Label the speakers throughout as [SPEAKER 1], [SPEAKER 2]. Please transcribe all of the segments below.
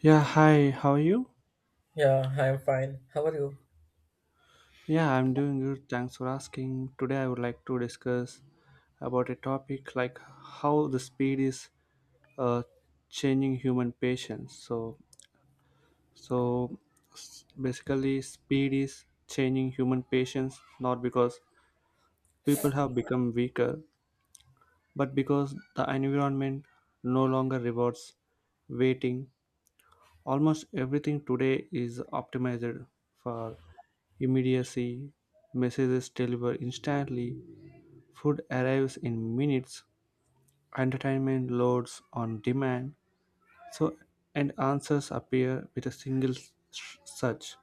[SPEAKER 1] Yeah, hi, how are you?
[SPEAKER 2] Yeah, I am fine. How are you?
[SPEAKER 1] Yeah, I'm doing good. Thanks for asking. Today, I would like to discuss about a topic like how the speed is uh, changing human patience. So basically, speed is changing human patience not because people have become weaker, but because the environment no longer rewards waiting. Almost everything today is optimized for immediacy. Messages delivered instantly. Food arrives in minutes, entertainment loads on demand, so and answers appear with a single search.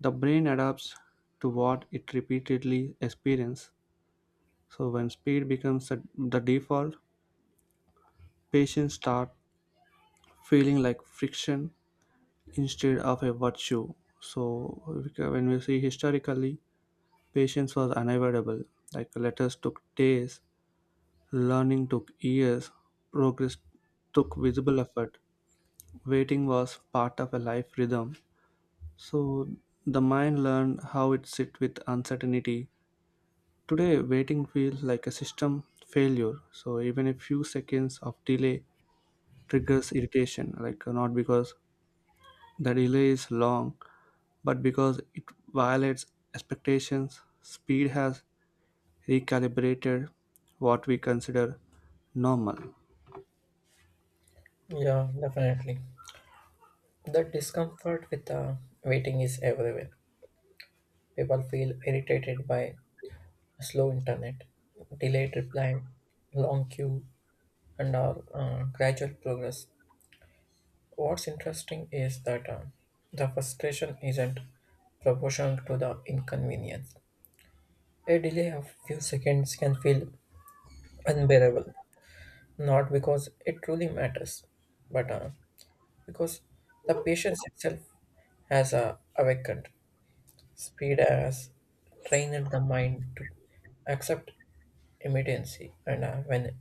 [SPEAKER 1] The brain adapts to what it repeatedly experiences. So when speed becomes the default, patients start feeling like friction instead of a virtue. So when we see historically, patience was unavoidable. Like letters took days, learning took years, progress took visible effort. Waiting was part of a life rhythm. So the mind learned how it sit with uncertainty. Today, waiting feels like a system failure. So even a few seconds of delay triggers irritation, like, not because the delay is long, but because it violates expectations. Speed has recalibrated what we consider normal.
[SPEAKER 2] Yeah, definitely. The discomfort with waiting is everywhere. People feel irritated by slow internet, delayed reply, long queue, and our gradual progress. What's interesting is that the frustration isn't proportional to the inconvenience. A delay of few seconds can feel unbearable, not because it truly matters, but because the patience itself has awakened. Speed has trained the mind to accept immediacy, and when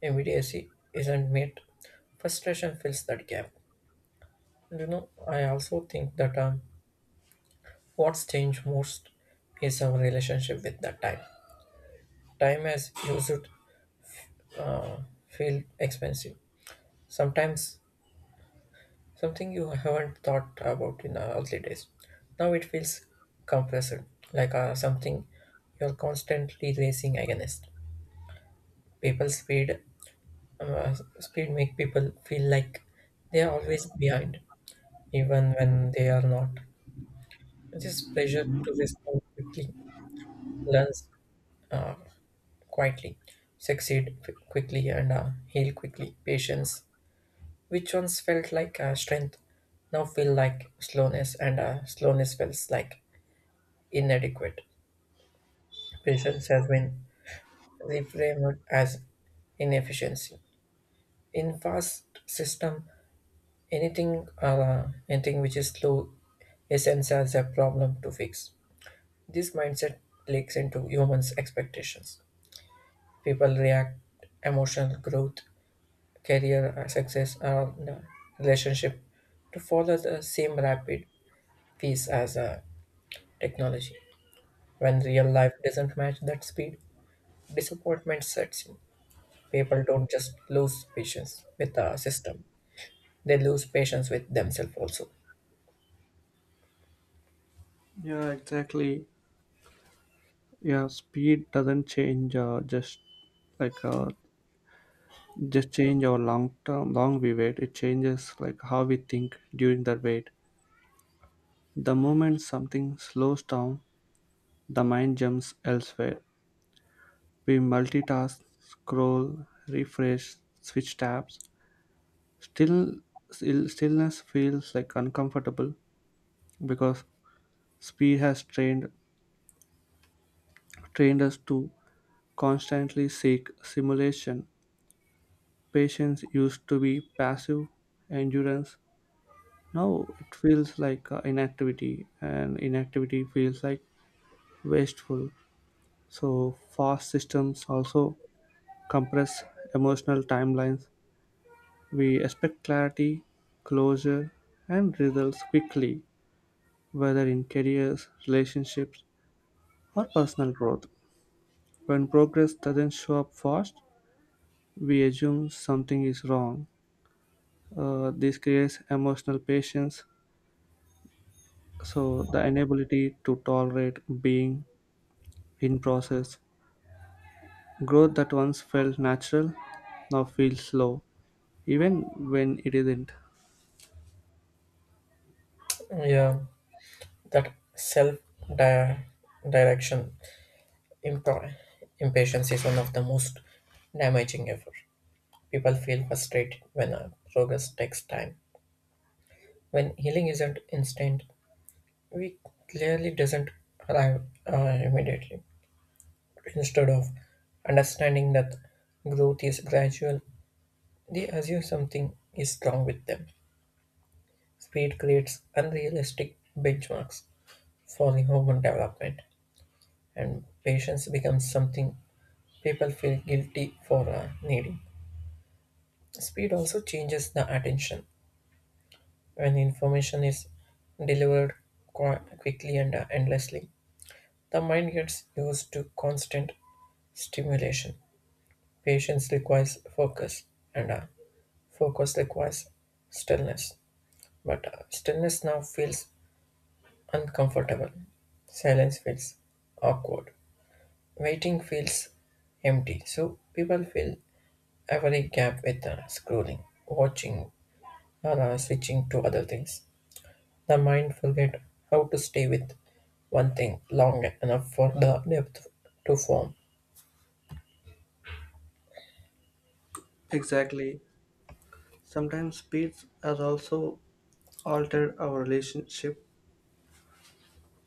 [SPEAKER 2] immediacy isn't met, frustration fills that gap. You know, I also think that what's changed most is our relationship with the time. Time has used uh, feel expensive. Sometimes something you haven't thought about in the early days. Now it feels compressed, like something you're constantly racing against. People's speed, speed make people feel like they are always behind, even when they are not. This pressure to respond quickly, learn quietly, succeed quickly, and heal quickly. Patience, which once felt like strength, now feel like slowness, and slowness feels like inadequate. Patience has been reframed as inefficiency. In fast system, anything which is slow is sensed as a problem to fix. This mindset leaks into humans' expectations. People react emotional growth, career success, and relationship to follow the same rapid pace as technology. When real life doesn't match that speed, disappointment sets in. People don't just lose patience with the system, they lose patience with themselves also.
[SPEAKER 1] Yeah, exactly. Yeah, speed doesn't change just like uh, just change our long term long we wait, it changes like how we think during the wait. The moment something slows down, the mind jumps elsewhere. We multitask, scroll, refresh, switch tabs. Still, still stillness feels like uncomfortable because speed has trained us to constantly seek simulation. Patience used to be passive endurance. Now it feels like inactivity, and inactivity feels like wasteful. So, fast systems also compress emotional timelines. We expect clarity, closure, and results quickly, whether in careers, relationships, or personal growth. When progress doesn't show up fast, we assume something is wrong. This creates emotional patience, so the inability to tolerate being in process. Growth that once felt natural now feels slow, even when it isn't.
[SPEAKER 2] Yeah, that self di- direction imp- impatience is one of the most damaging ever. People feel frustrated when a progress takes time, when healing isn't instant, we clearly doesn't arrive immediately. Instead of understanding that growth is gradual, they assume something is wrong with them. Speed creates unrealistic benchmarks for the human development, and patience becomes something people feel guilty for needing. Speed also changes the attention. When information is delivered quickly and endlessly, the mind gets used to constant stimulation. Patience requires focus, and focus requires stillness. But stillness now feels uncomfortable. Silence feels awkward. Waiting feels empty. So people fill every gap with scrolling, watching, or switching to other things. The mind forget how to stay with one thing long enough for the depth to form.
[SPEAKER 1] Exactly. Sometimes speed has also altered our relationship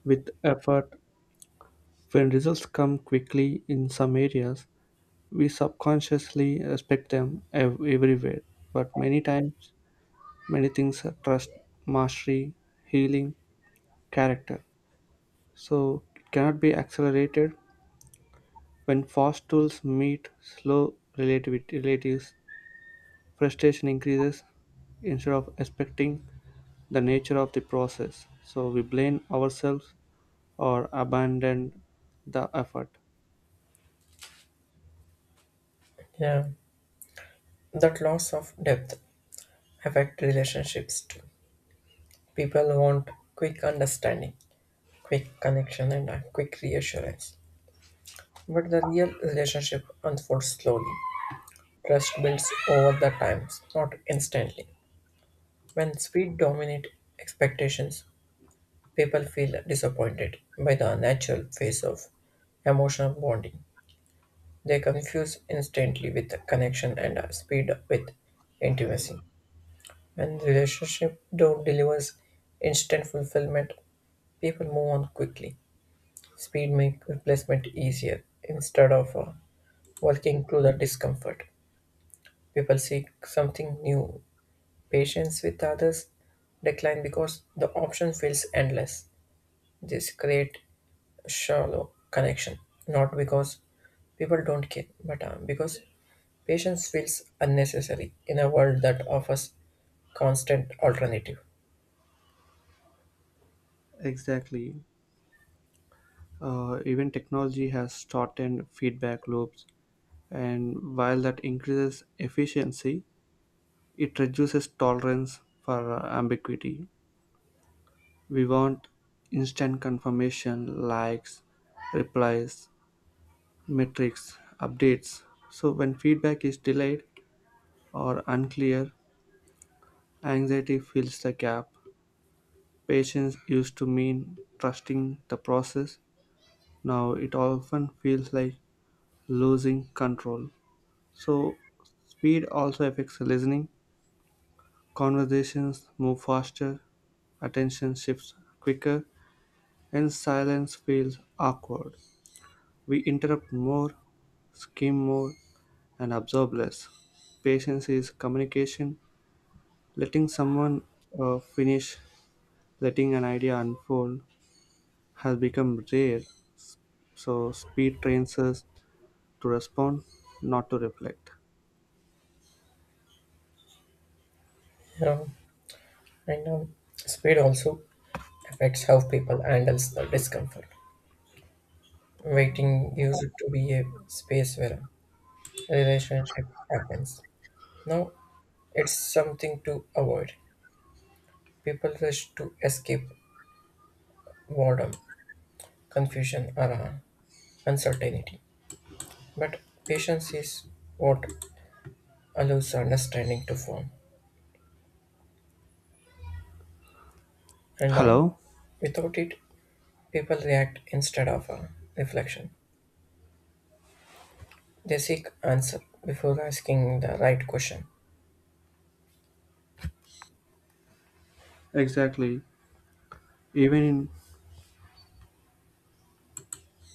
[SPEAKER 1] with effort. When results come quickly in some areas, we subconsciously respect them everywhere. But many times, many things are trust, mastery, healing, character. So it cannot be accelerated when fast tools meet slow relativity relatives. Frustration increases instead of expecting the nature of the process. So we blame ourselves or abandon the effort.
[SPEAKER 2] Yeah, that loss of depth affect relationships too. People want quick understanding, quick connection, and a quick reassurance. But the real relationship unfolds slowly. Trust builds over the times, not instantly. When speed dominates expectations, people feel disappointed by the natural phase of emotional bonding. They confuse instantly with connection and speed with intimacy. When relationship don't delivers instant fulfillment, people move on quickly. Speed makes replacement easier instead of working through the discomfort. People seek something new. Patience with others decline because the option feels endless. This create shallow connection, not because people don't care, but because patience feels unnecessary in a world that offers constant alternative.
[SPEAKER 1] Exactly. Even technology has shortened feedback loops, and while that increases efficiency, it reduces tolerance for ambiguity. We want instant confirmation, likes, replies, metrics, updates. So when feedback is delayed or unclear, anxiety fills the gap. Patience used to mean trusting the process. Now it often feels like losing control. So, speed also affects listening. Conversations move faster, attention shifts quicker, and silence feels awkward. We interrupt more, skim more, and absorb less. Patience is communication, letting someone finish, letting an idea unfold, has become rare, so speed trains us to respond, not to reflect.
[SPEAKER 2] Um, and speed also affects how people handles the discomfort. Waiting used to be a space where a relationship happens. Now it's something to avoid. People rush to escape boredom, confusion, or uncertainty. But patience is what allows understanding to form, and
[SPEAKER 1] Hello?
[SPEAKER 2] without it, people react instead of reflection. They seek answer before asking the right question.
[SPEAKER 1] Exactly. Even in